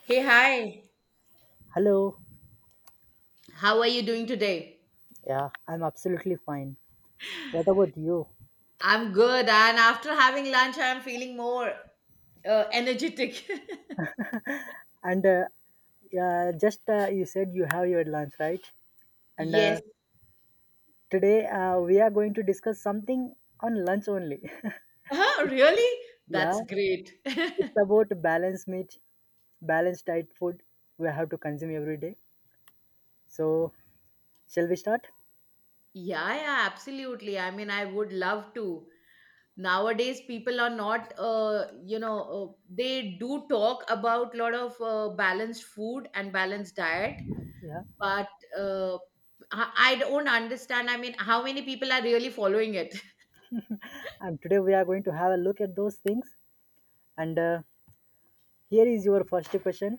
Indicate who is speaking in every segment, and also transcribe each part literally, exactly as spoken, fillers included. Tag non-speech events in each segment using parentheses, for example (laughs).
Speaker 1: Hey, hi.
Speaker 2: Hello.
Speaker 1: How are you doing today?
Speaker 2: Yeah, I'm absolutely fine. What about you?
Speaker 1: I'm good, and after having lunch, I'm feeling more uh, energetic.
Speaker 2: And uh, Yeah, just uh, you said you have your lunch, right? And uh,
Speaker 1: (laughs) Yes.
Speaker 2: Today uh, we are going to discuss something on lunch only. (laughs)
Speaker 1: Huh, really?
Speaker 2: Yeah,
Speaker 1: That's great. (laughs) Yeah,
Speaker 2: it's about balanced meat, balanced diet food we have to consume every day. So, shall we start?
Speaker 1: yeah, absolutely. I mean, I would love to. Nowadays, people are not, uh, you know, uh, they do talk about lot of uh, balanced food and balanced diet,
Speaker 2: Yeah.
Speaker 1: but uh, I I don't understand. I mean, how many people are really following it?
Speaker 2: And today we are going to have a look at those things. And uh, Here is your first question.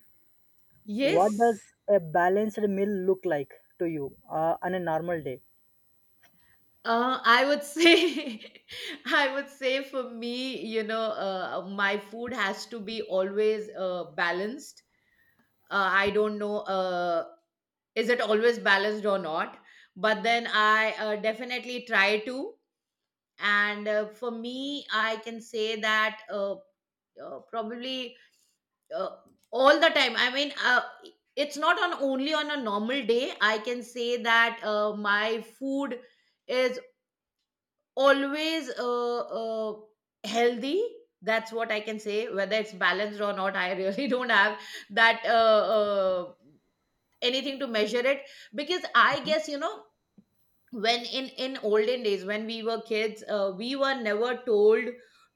Speaker 2: What
Speaker 1: (laughs) Yes.
Speaker 2: does a balanced meal look like to you uh, on a normal day?
Speaker 1: Uh, I would say, (laughs) I would say for me, you know, uh, uh, my food has to be always uh, balanced. Uh, I don't know, uh, is it always balanced or not? But then I uh, definitely try to. And uh, for me, I can say that uh, uh, probably uh, all the time. I mean, uh, it's not on only on a normal day. I can say that uh, my food is always uh, uh, healthy. That's what I can say, whether it's balanced or not. I really (laughs) don't have that uh, uh, anything to measure it, because I
Speaker 2: Mhm.
Speaker 1: guess, you know when in in olden days when we were kids, uh, we were never told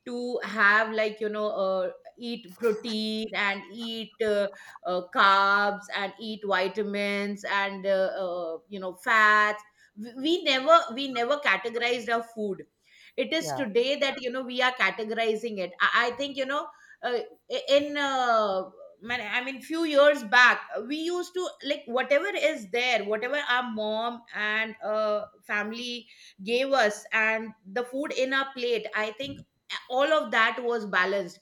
Speaker 1: to have, like, you know uh, eat protein and eat uh, uh, carbs and eat vitamins and uh, uh, you know fats. We we never we never categorized our food. It is
Speaker 2: Yeah,
Speaker 1: today that you know we are categorizing it. I, I think, you know uh, in uh, man, I mean, few years back we used to, like, whatever is there, whatever our mom and uh, family gave us, and the food in our plate, I think all of that was balanced,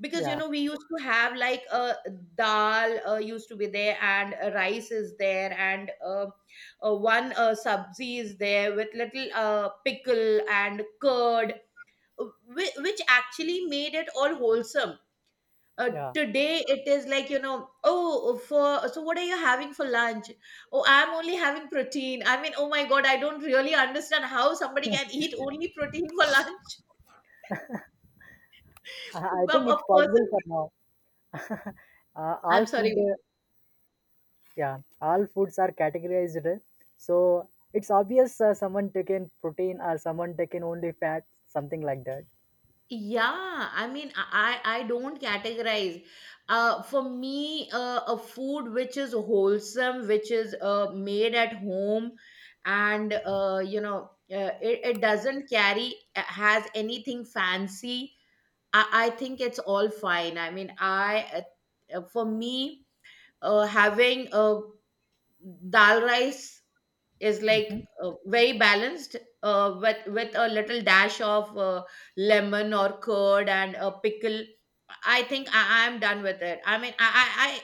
Speaker 1: because you
Speaker 2: yeah.
Speaker 1: know we used to have like a uh, dal uh, used to be there and uh, rice is there and uh, uh, one uh, sabzi is there with little uh, pickle and curd, uh, whi- which actually made it all wholesome. Uh,
Speaker 2: Yeah,
Speaker 1: today it is like, you know oh, oh, for so what are you having for lunch? Oh, I'm only having protein. I mean, oh my god, I don't really understand how somebody can eat only protein for (laughs) lunch.
Speaker 2: I I
Speaker 1: a,
Speaker 2: think it's
Speaker 1: a
Speaker 2: possible
Speaker 1: person,
Speaker 2: for now. (laughs) uh, all
Speaker 1: I'm
Speaker 2: food,
Speaker 1: sorry.
Speaker 2: uh, yeah, all foods are categorized. uh, So it's obvious uh, someone taken protein or someone taken only fat, something like that.
Speaker 1: Yeah, I mean, i i I don't categorize. Uh for me, uh, a food which is wholesome, which is uh, made at home, and uh, you know uh, it, it doesn't carry uh, has anything fancy. I, I think it's all fine. I mean, I uh, uh, for me, uh, having uh, dal rice is
Speaker 2: hmm
Speaker 1: like uh, very balanced, uh, with with a little dash of uh, lemon or curd and a pickle. I think I am done with it. I mean, I, I,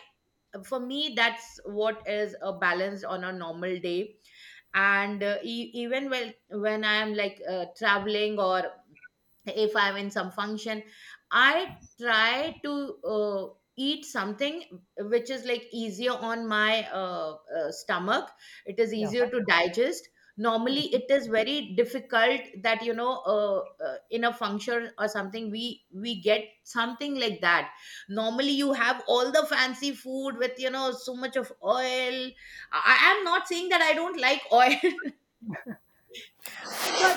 Speaker 1: I for me, that's what is a balance on a normal day. And uh, e- even when when I am like uh, traveling, or if I'm in some function, I try to uh, eat something which is like easier on my uh, uh, stomach. It is
Speaker 2: Yeah,
Speaker 1: easier to digest. Normally it is very difficult that you know uh, uh, in a function or something we we get something like that. Normally you have all the fancy food with, you know so much of oil. i I am not saying that I don't like oil. (laughs) But but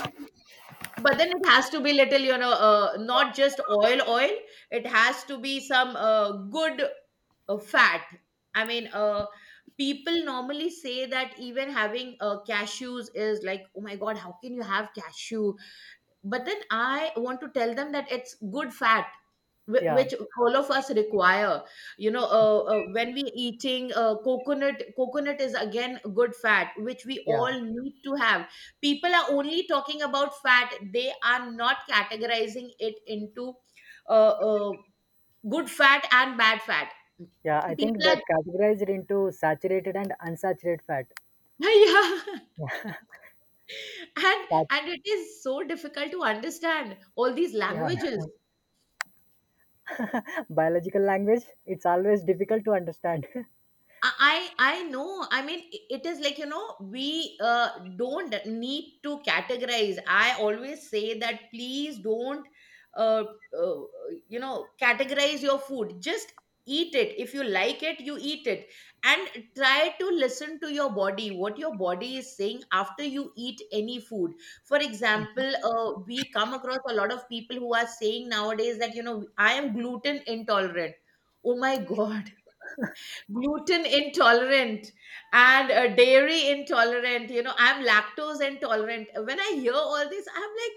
Speaker 1: but then it has to be little, you know uh, not just oil oil. It has to be some uh, good uh, fat. I mean, uh, people normally say that even having uh, cashews is like, oh my god, how can you have cashew? But then I want to tell them that it's good fat, whi-
Speaker 2: yeah,
Speaker 1: which all of us require. You know uh, uh, when we eating uh, coconut, coconut is again good fat which we
Speaker 2: yeah,
Speaker 1: all need to have. People are only talking about fat. They are not categorizing it into uh, uh, good fat and bad fat.
Speaker 2: yeah. I think
Speaker 1: People
Speaker 2: that
Speaker 1: are.
Speaker 2: categorized into saturated and unsaturated fat.
Speaker 1: (laughs) Yeah.
Speaker 2: Yeah,
Speaker 1: (laughs) and
Speaker 2: Sat-
Speaker 1: and it is so difficult to understand all these
Speaker 2: yeah.
Speaker 1: languages.
Speaker 2: (laughs) Biological language, it's always difficult to understand. (laughs)
Speaker 1: I I I know. I mean, i- it is like, you know we uh, don't need to categorize. I always say that please don't uh, uh, you know categorize your food. Just eat it. If you like it, you eat it, and try to listen to your body, what your body is saying after you eat any food. For example, uh, we come across a lot of people who are saying nowadays that, you know I am gluten intolerant. Oh my (laughs) god, gluten intolerant, and uh, dairy intolerant. you know I'm lactose intolerant. When I hear all this, I'm like,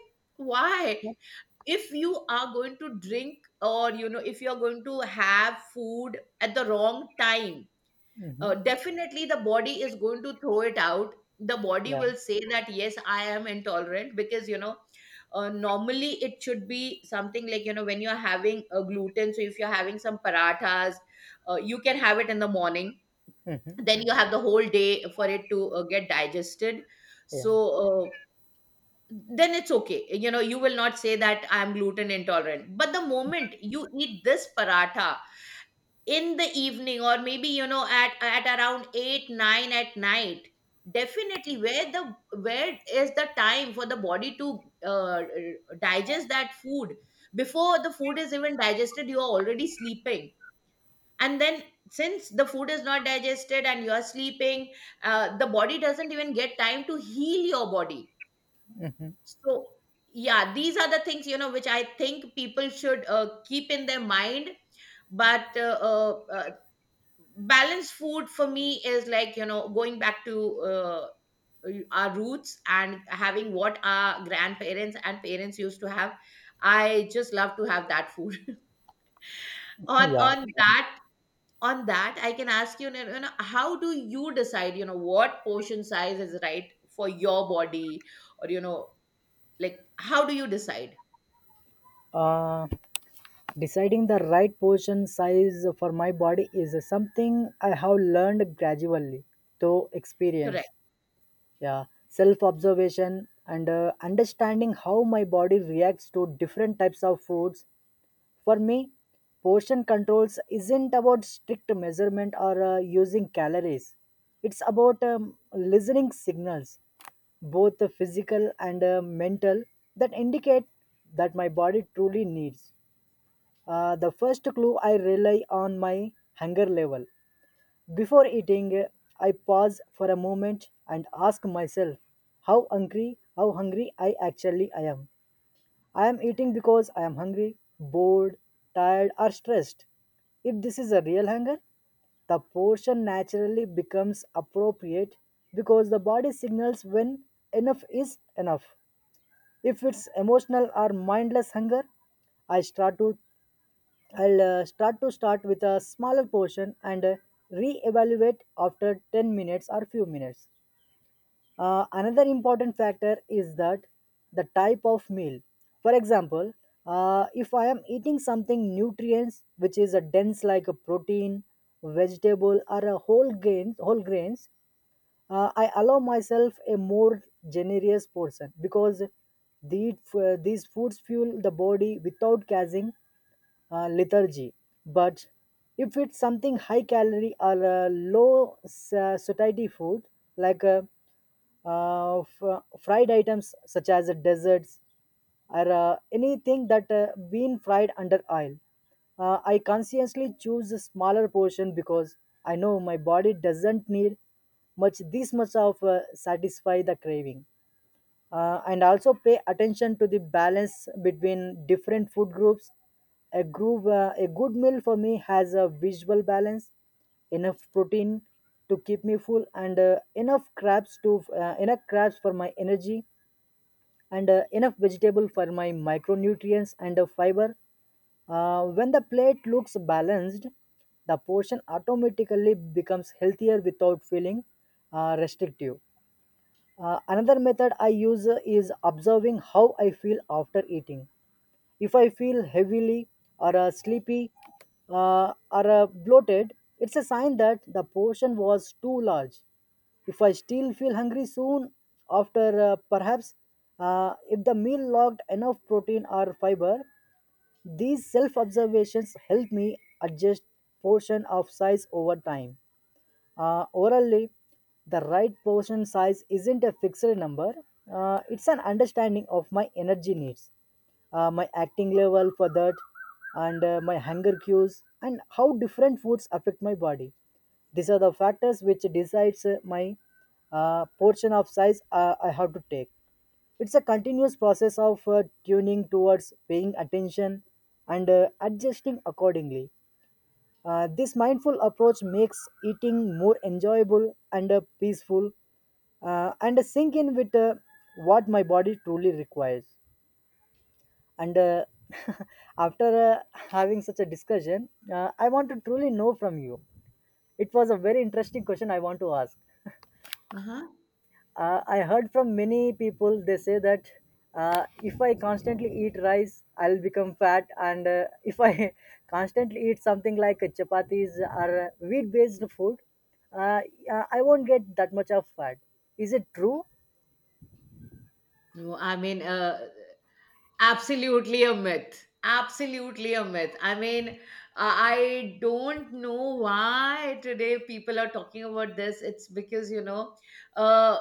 Speaker 1: why?
Speaker 2: Yeah.
Speaker 1: If you are going to drink, or you know if you're going to have food at the wrong time,
Speaker 2: hmm
Speaker 1: uh, definitely the body is going to throw it out. The body
Speaker 2: Yeah,
Speaker 1: will say that, yes, I am intolerant, because you know uh, normally it should be something like, you know when you're having a gluten, so if you're having some parathas, uh, you can have it in the morning.
Speaker 2: hmm
Speaker 1: Then you have the whole day for it to uh, get digested.
Speaker 2: yeah,
Speaker 1: So uh, then it's okay. You know you will not say that I'm gluten intolerant. But the moment you eat this paratha in the evening, or maybe, you know at at around eight nine at night, definitely, where the where is the time for the body to uh, digest that food? Before the food is even digested, you are already sleeping. And then, since the food is not digested and you are sleeping, uh, the body doesn't even get time to heal your body.
Speaker 2: hmm
Speaker 1: So yeah, these are the things, you know which I think people should uh, keep in their mind. But uh, uh, uh, balanced food for me is like, you know going back to uh, our roots and having what our grandparents and parents used to have. I just love to have that food. (laughs)
Speaker 2: (laughs)
Speaker 1: on
Speaker 2: yeah.
Speaker 1: on that on that, I can ask you, you know you know, how do you decide, you know what portion size is right for your body, or you know like, how do you decide?
Speaker 2: Uh, Deciding the right portion size for my body is something I have learned gradually through
Speaker 1: Correct.
Speaker 2: experience. Yeah, self observation and uh, understanding how my body reacts to different types of foods. For me, portion controls isn't about strict measurement or uh, using calories. It's about um, listening signals, both the physical and uh, mental, that indicate that my body truly needs. Uh, the first clue I rely on my hunger level. Before eating, I pause for a moment and ask myself how hungry, how hungry I actually I am. I am eating because I am hungry, bored, tired, or stressed. If this is a real hunger, the portion naturally becomes appropriate because the body signals when enough is enough. If it's emotional or mindless hunger, I start to I'll uh, start to start with a smaller portion and uh, re-evaluate after ten minutes or few minutes. Uh, another important factor is that the type of meal. For example, uh, if I am eating something nutrients which is a dense like a protein, vegetable or a whole grains, whole grains, uh, I allow myself a more generous portion because these, uh, these foods fuel the body without causing uh, lethargy. But if it's something high calorie or uh, low sa- satiety food, like uh, uh, f- uh, fried items such as desserts or uh, anything that uh, been fried under oil, uh, I consciously choose a smaller portion because I know my body doesn't need much this much of uh, satisfy the craving. Uh, and also pay attention to the balance between different food groups. A, groove, uh, a good meal for me has a visual balance, enough protein to keep me full, and uh, enough crabs to uh, enough crabs for my energy, and uh, enough vegetable for my micronutrients and uh, fiber. Uh, when the plate looks balanced, the portion automatically becomes healthier without feeling uh, restrictive. Uh, another method I use uh, is observing how I feel after eating. If I feel heavily or uh, sleepy uh, or uh, bloated, it's a sign that the portion was too large. If I still feel hungry soon after, uh, perhaps uh, if the meal lacked enough protein or fiber, these self observations help me adjust portion of size over time. Uh, orally, the right portion size isn't a fixed number, uh, it's an understanding of my energy needs, uh, my acting level for that, and uh, my hunger cues, and how different foods affect my body. These are the factors which decides uh, my uh, portion of size uh, I have to take. It's a continuous process of uh, tuning towards paying attention and uh, adjusting accordingly. Uh, this mindful approach makes eating more enjoyable and uh, peaceful uh, and sync in with uh, what my body truly requires. And uh, (laughs) After uh, having such a discussion, uh, I want to truly know from you. It was a very interesting question I want to ask.
Speaker 1: Uh-huh.
Speaker 2: Uh, I heard from many people, they say that uh, if I constantly eat rice, I'll become fat. And uh, if I (laughs) constantly eat something like chapatis or wheat based food, uh, uh, I won't get that much of fat. Is it true?
Speaker 1: No, I mean, uh absolutely a myth. Absolutely a myth. I mean, uh, I don't know why today people are talking about this. It's because, you know, uh,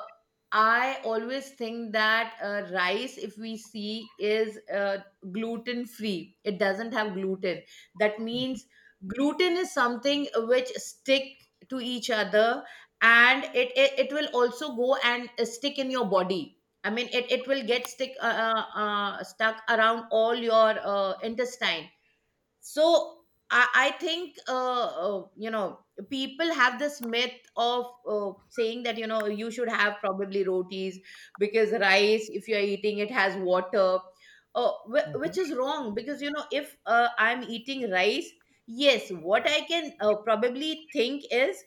Speaker 1: I always think that uh, rice, if we see, is uh, gluten free. It doesn't have gluten. That means gluten is something which stick to each other, and it, it, it will also go and uh, stick in your body. I mean, it, it will get stick uh, uh, uh, stuck around all your uh, intestine. So i, I think uh, uh, you know people have this myth of uh, saying that you know you should have probably rotis, because rice, if you're eating, it has water, uh, wh- which is wrong. Because you know if uh, I'm eating rice, yes, what I can uh, probably think is,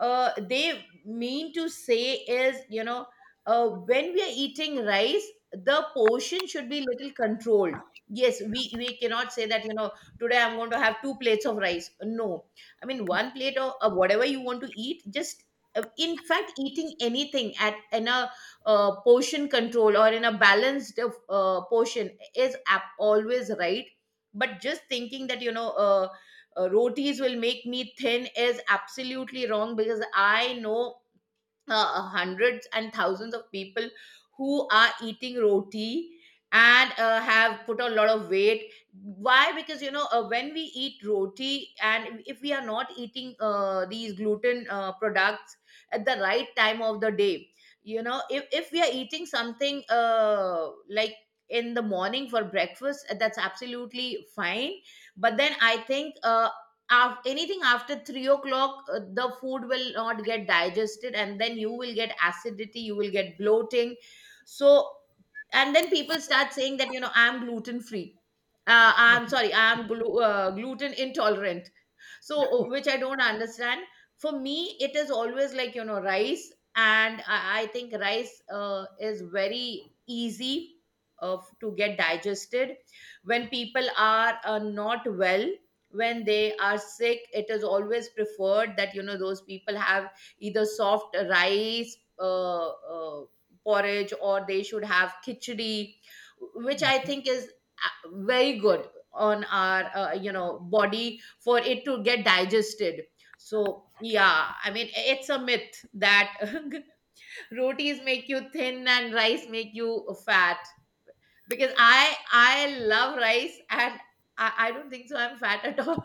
Speaker 1: uh, they mean to say is, you know uh, when we are eating rice, the portion should be little controlled. Yes, we we cannot say that, you know today I'm going to have two plates of rice. No, I mean, one plate of, of whatever you want to eat. Just uh, in fact, eating anything at in a uh, portion control, or in a balanced uh, uh, portion, is ap- always right. But just thinking that, you know uh, uh, rotis will make me thin, is absolutely wrong. Because I know uh, hundreds and thousands of people who are eating roti and uh, have put on a lot of weight. Why? Because you know uh, when we eat roti, and if we are not eating uh, these gluten uh, products at the right time of the day. you know if, if we are eating something uh, like in the morning for breakfast, uh, that's absolutely fine. But then I think uh, af- anything after three o'clock, uh, the food will not get digested, and then you will get acidity, you will get bloating. So, and then people start saying that, you know I'm gluten free. uh, I'm sorry, I'm glu- uh, gluten intolerant. So uh, which I don't understand. For me, it is always like, you know rice. And i, I think rice uh, is very easy of to get digested, when people are uh, not well. When they are sick, it is always preferred that, you know those people have either soft rice, uh, uh, porridge, or they should have khichdi, which I think is uh, very good on our, uh, you know body, for it to get digested. So yeah, I mean, it's a myth that (laughs) rotis make you thin and rice make you fat, because i I love rice. And i, I don't think so I'm fat at all.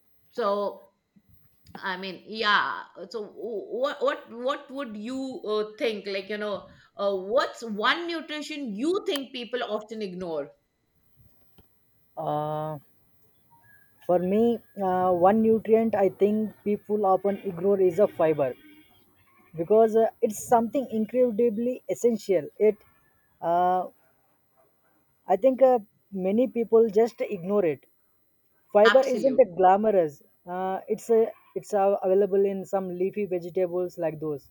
Speaker 1: (laughs) So I mean, yeah. So what what what would you uh, think, like, you know uh, what's one nutrition you think people often ignore?
Speaker 2: Uh, for me, uh, one nutrient I think people often ignore is a fiber because uh, it's something incredibly essential. It, uh, I think uh, many people just ignore it. Fiber isn't
Speaker 1: absolute
Speaker 2: it glamorous? Uh, it's a, it's uh, available in some leafy vegetables like those,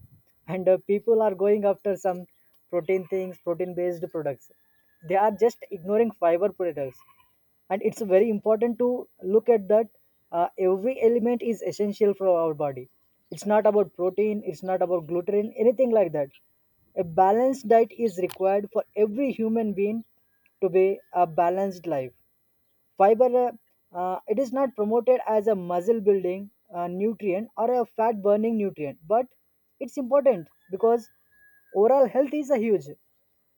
Speaker 2: and uh, people are going after some protein things, protein-based products. They are just ignoring fiber products, and it's very important to look at that. Uh, every element is essential for our body. It's not about protein. It's not about gluten. Anything like that. A balanced diet is required for every human being to be a balanced life. Fiber, uh, uh, it is not promoted as a muscle building uh, nutrient or a fat burning nutrient, but it's important because overall health is a huge.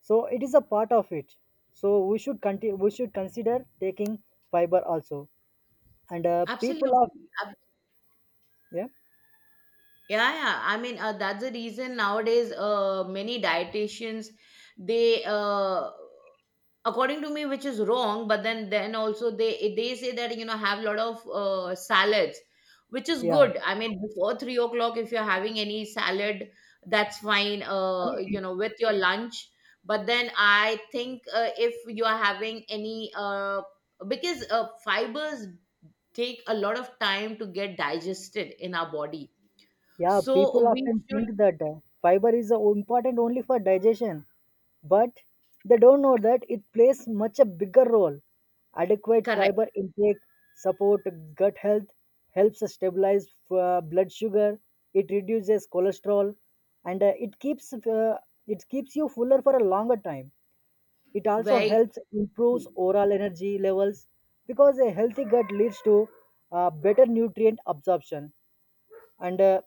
Speaker 2: So it is a part of it. So we should continue. We should consider taking fiber also. And uh, people of
Speaker 1: Absolutely.
Speaker 2: yeah
Speaker 1: Yeah, yeah. I mean, uh, that's the reason nowadays uh, many dietitians they uh, according to me, which is wrong, but then then also they they say that you know have a lot of uh, salads, which is
Speaker 2: yeah.
Speaker 1: good. I mean, before three o'clock, if you're having any salad, that's fine. Uh, you know, with your lunch. But then I think uh, if you are having any uh, because uh, fibers take a lot of time to get digested in our body.
Speaker 2: Yeah,
Speaker 1: So
Speaker 2: people
Speaker 1: we
Speaker 2: often think that uh, fiber is uh, important only for digestion, but they don't know that it plays much a bigger role. Adequate
Speaker 1: Correct.
Speaker 2: fiber intake support gut health, helps stabilize uh, blood sugar, it reduces cholesterol, and uh, it keeps uh, it keeps you fuller for a longer time. It also
Speaker 1: Very
Speaker 2: helps improves
Speaker 1: true.
Speaker 2: oral energy levels because a healthy gut leads to uh, better nutrient absorption and uh,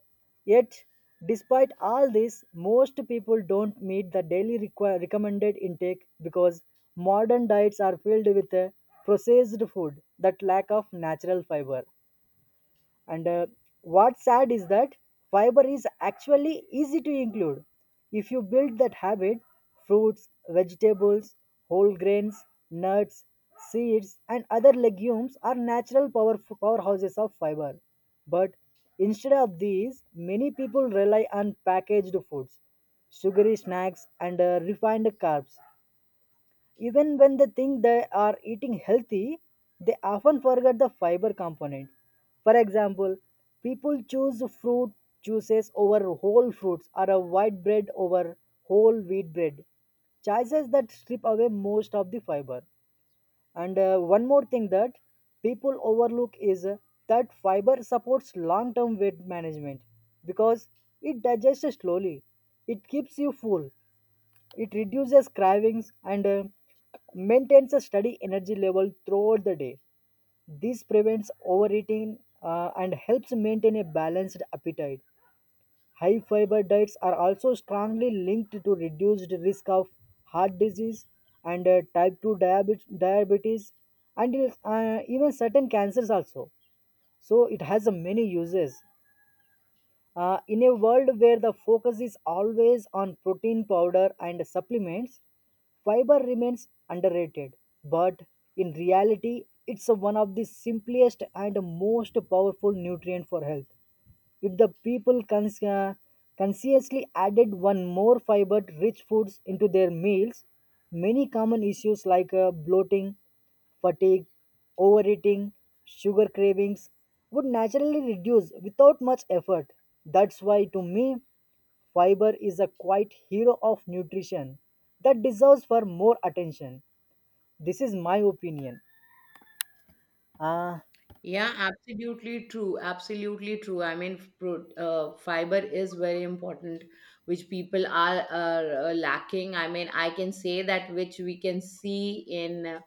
Speaker 2: yet despite all this most people don't meet the daily requi- recommended intake because modern diets are filled with uh, processed food that lack of natural fiber and uh, what's sad is that fiber is actually easy to include if you build that habit fruits vegetables whole grains nuts seeds and other legumes are natural power powerhouses of fiber but instead of these many people rely on packaged foods sugary snacks and uh, refined carbs even when they think they are eating healthy, they often forget the fiber component. For example, people choose fruit juices over whole fruits or a white bread over whole wheat bread. Choices that strip away most of the fiber. And uh, one more thing that people overlook is uh, that fiber supports long term weight management because it digests slowly. It keeps you full. It reduces cravings and uh, maintains a steady energy level throughout the day. This prevents overeating uh, and helps maintain a balanced appetite. High fiber diets are also strongly linked to reduced risk of heart disease and uh, type two diabetes, diabetes and uh, even certain cancers also. So it has uh, many uses. Uh, in a world where the focus is always on protein powder and supplements, fiber remains underrated. But in reality, it's one of the simplest and most powerful nutrient for health. If the people cons- uh, consciously added one more fiber rich foods into their meals, many common issues like uh, bloating, fatigue, overeating, sugar cravings would naturally reduce without much effort. That's why, to me, fiber is a quiet hero of nutrition that deserves for more attention. This is my opinion. Ah,
Speaker 1: Yeah, absolutely true. Absolutely true. I mean, pro, uh, fiber is very important, which people are, are uh, lacking. I mean, I can say that which we can see in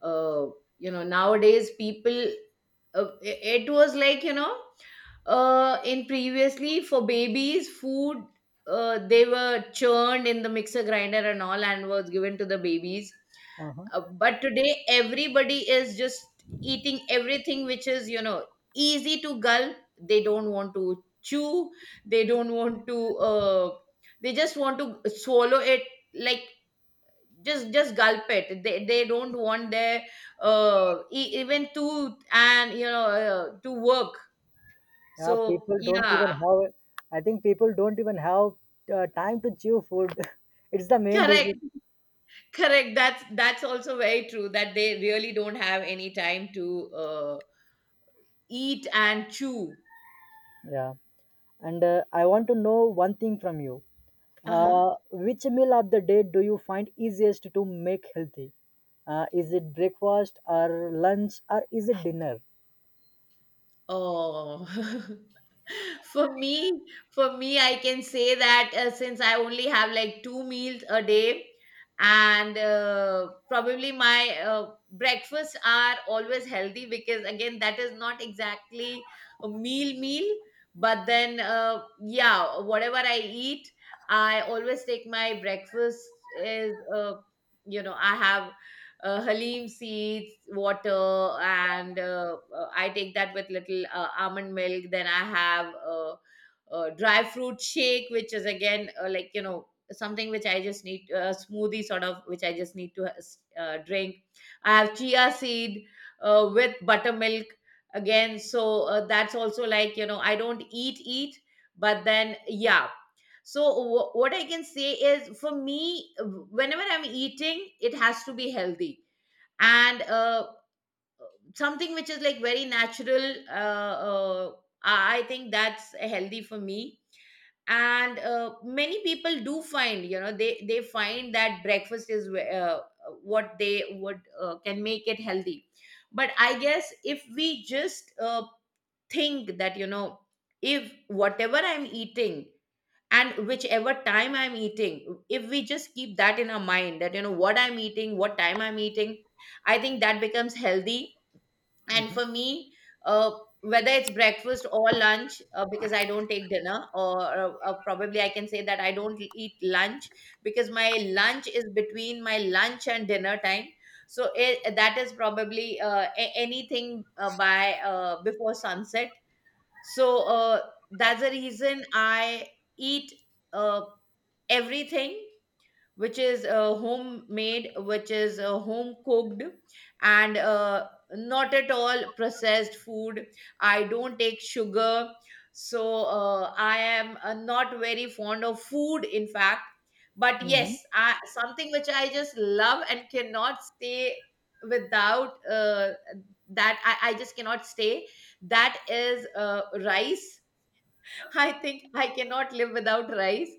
Speaker 1: uh, you know nowadays people uh, i- it was like you know uh, in previously for babies food uh, they were churned in the mixer grinder and all and was given to the babies
Speaker 2: uh-huh.
Speaker 1: uh, but today everybody is just eating everything which is you know easy to gulp, they don't want to chew, they don't want to uh, they just want to swallow it, like just just gulp it, they they don't want their uh e- even tooth and you know uh, to work,
Speaker 2: Yeah,
Speaker 1: so
Speaker 2: people don't
Speaker 1: yeah.
Speaker 2: even have. I think people don't even have uh, time to chew food. (laughs) It's the main
Speaker 1: Correct.
Speaker 2: reason.
Speaker 1: (laughs) Correct, that's that's also very true that they really don't have any time to uh eat and chew.
Speaker 2: Yeah, and uh, I want to know one thing from you.
Speaker 1: Uh-huh.
Speaker 2: Uh, which meal of the day do you find easiest to make healthy? Uh, is it breakfast or lunch or is it dinner?
Speaker 1: Oh, (laughs) for me, for me, I can say that uh, since I only have like two meals a day, and uh, probably my uh, breakfasts are always healthy because again, that is not exactly a meal meal, but then uh, yeah, whatever I eat, I always take my breakfast is uh, you know I have uh, haleem seeds, water, and uh, uh, I take that with little uh, almond milk. Then I have uh, uh, dry fruit shake, which is again uh, like you know something which I just need, a smoothie sort of, which I just need to uh, drink. I have chia seed uh, with buttermilk again. So uh, that's also like you know I don't eat eat, but then yeah, so wh- what I can say is for me, whenever I'm eating, it has to be healthy and uh, something which is like very natural. Uh, uh, I I think that's healthy for me. And uh, many people do find, you know, they they find that breakfast is uh, what they would uh, can make it healthy. But I guess if we just uh, think that, you know, if whatever I'm eating and whichever time I'm eating, if we just keep that in our mind that you know what I'm eating, what time I'm eating, I think that becomes healthy. And
Speaker 2: Hmm.
Speaker 1: for me, uh, whether it's breakfast or lunch, uh, because I don't take dinner, or uh, uh, probably I can say that I don't eat lunch because my lunch is between my lunch and dinner time. So it, that is probably uh, a- anything uh, by uh, before sunset. So uh, that's the reason I eat uh, everything which is uh, homemade, which is uh, home cooked, and uh, not at all processed food. I don't take sugar. So uh, I am uh, not very fond of food, in fact, but
Speaker 2: Hmm.
Speaker 1: yes, I, something which I just love and cannot stay without uh, that I, I just cannot stay, that is uh, rice. (laughs) I think I cannot live without rice.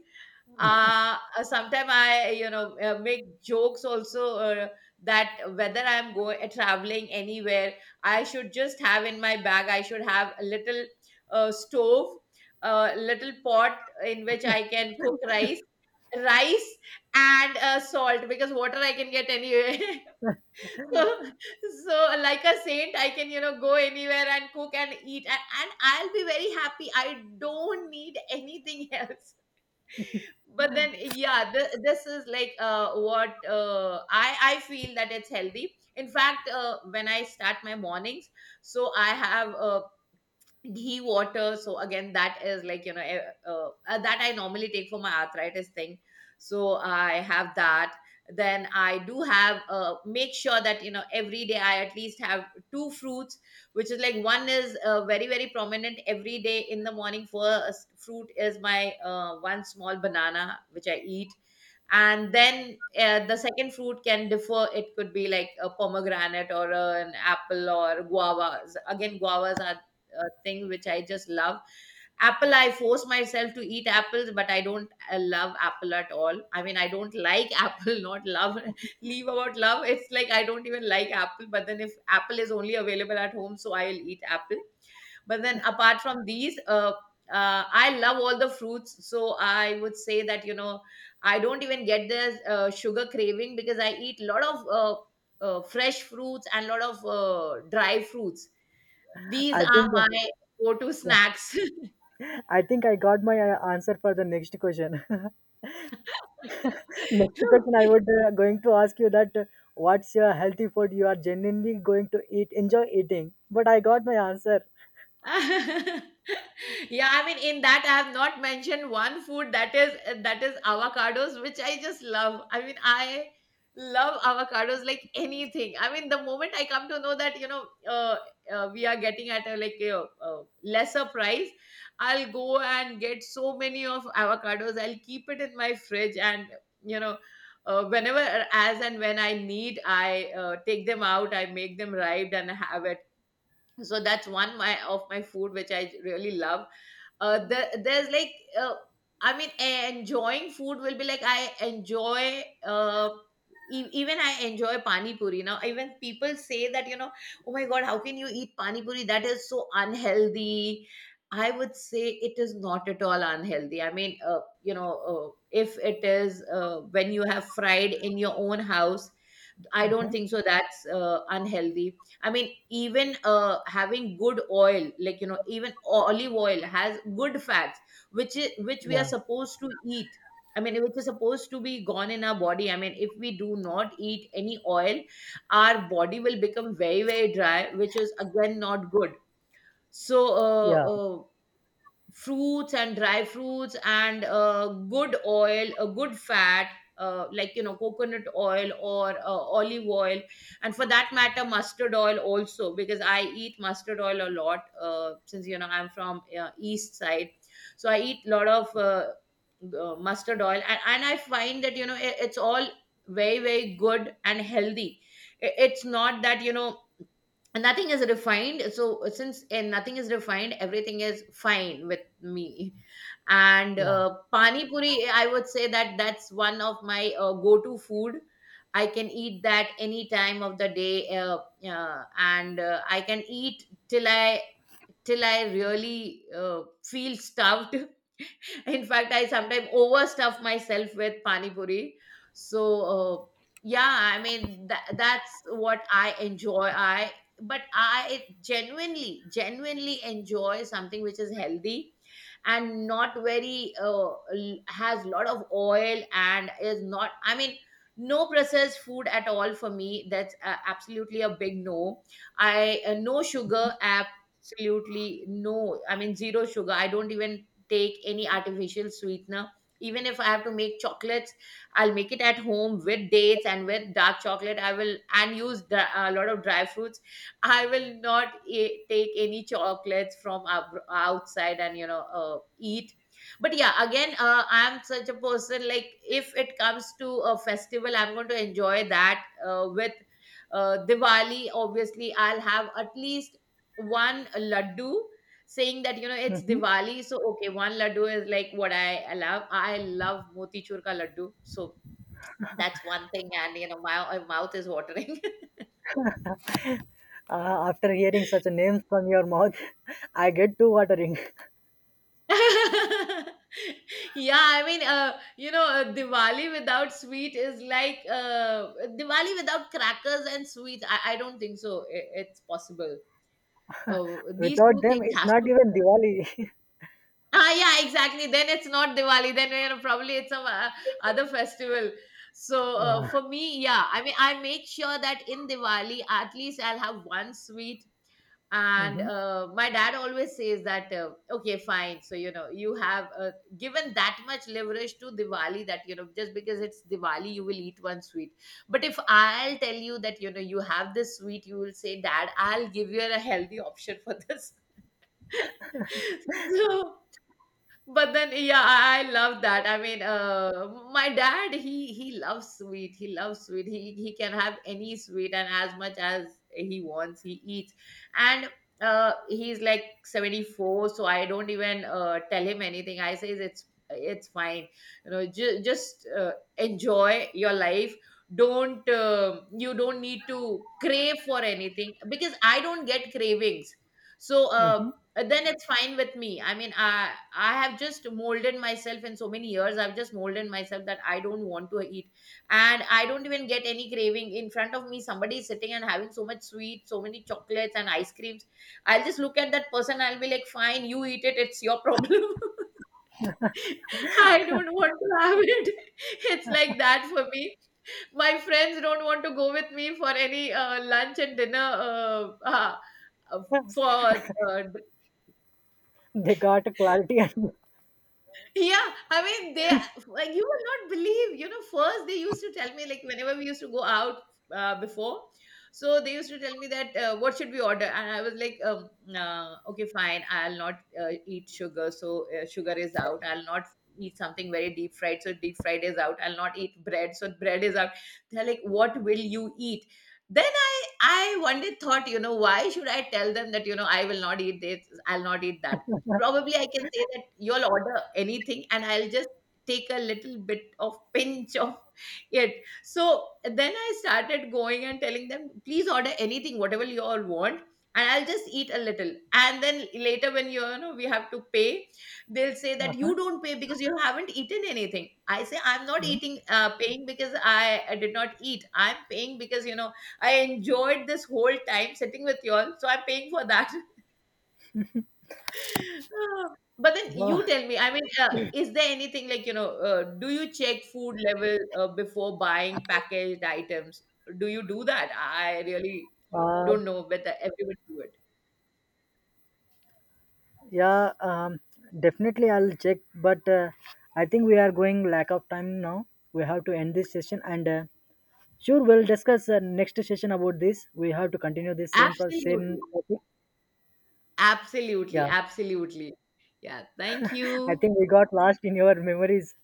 Speaker 1: Uh, Sometimes I, you know, uh, make jokes also uh, that whether I'm going uh, traveling anywhere, I should just have in my bag, I should have a little uh, stove, a little pot in which I can cook rice, rice and uh, salt, because water I can get anywhere. (laughs) So, so like a saint, I can you know go anywhere and cook and eat, and, and I'll be very happy, I don't need anything else. (laughs) But then yeah, th- this is like uh, what uh, i i feel that it's healthy. In fact, uh, when I start my mornings, so I have uh, ghee water. So again, that is like you know eh, uh, uh, that I normally take for my arthritis thing. So I have that. Then I do have uh, make sure that you know every day I at least have two fruits, which is like one is uh, very very prominent every day. In the morning, first fruit is my uh, one small banana which I eat, and then uh, the second fruit can differ. It could be like a pomegranate or an apple or guavas. Again, guavas are uh, thing which I just love. Apple, I force myself to eat apples, but I don't uh, love apple at all. I mean, I don't like (laughs) apple, not love. (laughs) Leave about love. It's like I don't even like apple, but then if apple is only available at home, so I'll eat apple. But then apart from these, uh, uh, I love all the fruits. So I would say that, you know, I don't even get the uh, sugar craving because I eat a lot of uh, uh, fresh fruits and a lot of uh, dry fruits. These
Speaker 2: I
Speaker 1: are
Speaker 2: think
Speaker 1: my go-to
Speaker 2: yeah,
Speaker 1: snacks. (laughs)
Speaker 2: I think I got my uh, answer for the next question. (laughs) (laughs) Next question, I
Speaker 1: Okay.
Speaker 2: would uh, going to ask you that uh, what's your healthy food you are genuinely going to eat, enjoy eating. But I got my answer.
Speaker 1: (laughs) Yeah, I mean, in that I have not mentioned one food, that is that is avocados, which I just love. I mean, I love avocados like anything. I mean, the moment I come to know that you know uh, uh, we are getting at a like a, uh, lesser price, I'll go and get so many of avocados. I'll keep it in my fridge and you know uh, whenever, as and when I need, I uh, take them out, I make them ripe and have it. So that's one my of my food which I really love. uh there, there's like uh, I mean e- enjoying food will be like I enjoy uh e- even I enjoy pani puri now. Even people say that you know, oh my god, how can you eat pani puri? That is so unhealthy. I would say it is not at all unhealthy. I mean, uh, you know, uh, if it is uh, when you have fried in your own house, I don't think so. That's uh, unhealthy. I mean, even uh, having good oil, like you know, even olive oil has good fats, which is which we are
Speaker 2: Yeah,
Speaker 1: supposed to eat. I mean, which is supposed to be gone in our body. I mean, if we do not eat any oil, our body will become very very dry, which is again not good. So, uh,
Speaker 2: yeah,
Speaker 1: uh, fruits and dry fruits and uh, good oil, a good fat, uh, like you know, coconut oil or uh, olive oil, and for that matter, mustard oil also, because I eat mustard oil a lot uh, since you know I'm from uh, east side, so I eat a lot of uh, uh, mustard oil, and, and I find that you know it, it's all very very good and healthy. I- It's not that you know, and nothing is refined. So since and nothing is refined, everything is fine with me. And
Speaker 2: yeah.
Speaker 1: uh, pani puri, I would say that that's one of my uh, go to food. I can eat that any time of the day, uh, uh, and uh, I can eat till I till I really uh, feel stuffed. (laughs) In fact, I sometimes overstuff myself with pani puri. So uh, yeah, I mean tha- that's what I enjoy. I but I genuinely, genuinely enjoy something which is healthy and not very uh, l- has lot of oil and is not. I mean, no processed food at all for me. That's uh, absolutely a big no. I uh, No sugar, uh, absolutely no. I mean, zero sugar. I don't even take any artificial sweetener. Even if I have to make chocolates, I'll make it at home with dates and with dark chocolate. I will and use dri- a lot of dry fruits. I will not e- take any chocolates from ab- outside and you know uh, eat. But yeah, again, uh, I'm such a person, like if it comes to a festival, I'm going to enjoy that uh, with uh, Diwali. Obviously, I'll have at least one laddu, saying that you know it's Diwali, so okay, one laddu is like what I love. I love motichur ka laddu, so that's one thing, and you know my, my mouth is watering.
Speaker 2: Uh, after hearing such a name from your mouth, (laughs) I get too watering.
Speaker 1: (laughs) Yeah, I mean, uh, you know, uh, Diwali without sweet is like uh, Diwali without crackers and sweets. I, I don't think so i- it's possible. Uh,
Speaker 2: (laughs)
Speaker 1: these
Speaker 2: Without
Speaker 1: two
Speaker 2: them,
Speaker 1: things
Speaker 2: it's
Speaker 1: has
Speaker 2: not
Speaker 1: to.
Speaker 2: even Diwali. (laughs)
Speaker 1: Ah, yeah, exactly. Then it's not Diwali. Then you know, probably it's some uh, other festival. So uh,
Speaker 2: Yeah.
Speaker 1: for me, yeah, I mean, I make sure that in Diwali, at least I'll have one sweet. And
Speaker 2: Hmm.
Speaker 1: uh, my dad always says that, uh, okay, fine. So you know, you have uh, given that much leverage to Diwali that you know, just because it's Diwali, you will eat one sweet. But if I'll tell you that you know you have this sweet, you will say, Dad, I'll give you a healthy option for this. (laughs) So but then yeah, i, I love that. I mean, uh, my dad, he he loves sweet, he loves sweet, he he can have any sweet and as much as he wants he eats, and uh, he's like seventy-four, so I don't even uh, tell him anything. I say it's it's fine, you know, ju- just uh, enjoy your life, don't uh, you don't need to crave for anything because I don't get cravings. So
Speaker 2: Hmm.
Speaker 1: uh, uh, then it's fine with me. I mean, i i have just molded myself in so many years, I've just molded myself that I don't want to eat, and I don't even get any craving. In front of me somebody is sitting and having so much sweet, so many chocolates and ice creams, I'll just look at that person, I'll be like, fine, you eat it, it's your problem. (laughs) I don't want to have it. (laughs) It's like that for me. My friends don't want to go with me for any uh, lunch and dinner, uh, uh, uh, for uh,
Speaker 2: They got clarity. And-
Speaker 1: yeah, I mean, they, like you will not believe. You know, first they used to tell me like whenever we used to go out uh, before, so they used to tell me that uh, what should we order, and I was like, um, uh, okay, fine, I'll not uh, eat sugar, so uh, sugar is out. I'll not eat something very deep fried, so deep fried is out. I'll not eat bread, so bread is out. They're like, what will you eat? Then I I one day thought, you know, why should I tell them that you know I will not eat this, I'll not eat that. Probably I can say that you'll order anything and I'll just take a little bit of, (laughs) pinch of it. So then I started going and telling them, please order anything, whatever you all want. And I'll just eat a little. And then later, when you you know, we have to pay, they'll say
Speaker 2: (laughs)
Speaker 1: that
Speaker 2: uh-huh.
Speaker 1: you don't pay because you haven't eaten anything. I say I'm not
Speaker 2: Mhm.
Speaker 1: eating, uh, paying because I, I did not eat. I'm paying because you know I enjoyed this whole time sitting with y'all, so I'm paying for that. (laughs) But then
Speaker 2: Wow.
Speaker 1: you tell me, I mean, uh, is there anything like, you know, uh, do you check food level uh, before buying packaged items? Do you do that? I really
Speaker 2: Uh,
Speaker 1: don't know whether everyone do it.
Speaker 2: yeah, um, definitely I'll check. But uh, I think we are going lack of time now. We have to end this session, and uh, sure we'll discuss uh, next session about this. We have to continue this same pro- same
Speaker 1: Absolutely.
Speaker 2: topic.
Speaker 1: Absolutely.
Speaker 2: Yeah,
Speaker 1: Absolutely. Yeah. Thank
Speaker 2: (laughs) I
Speaker 1: you.
Speaker 2: think we got lost in your memories.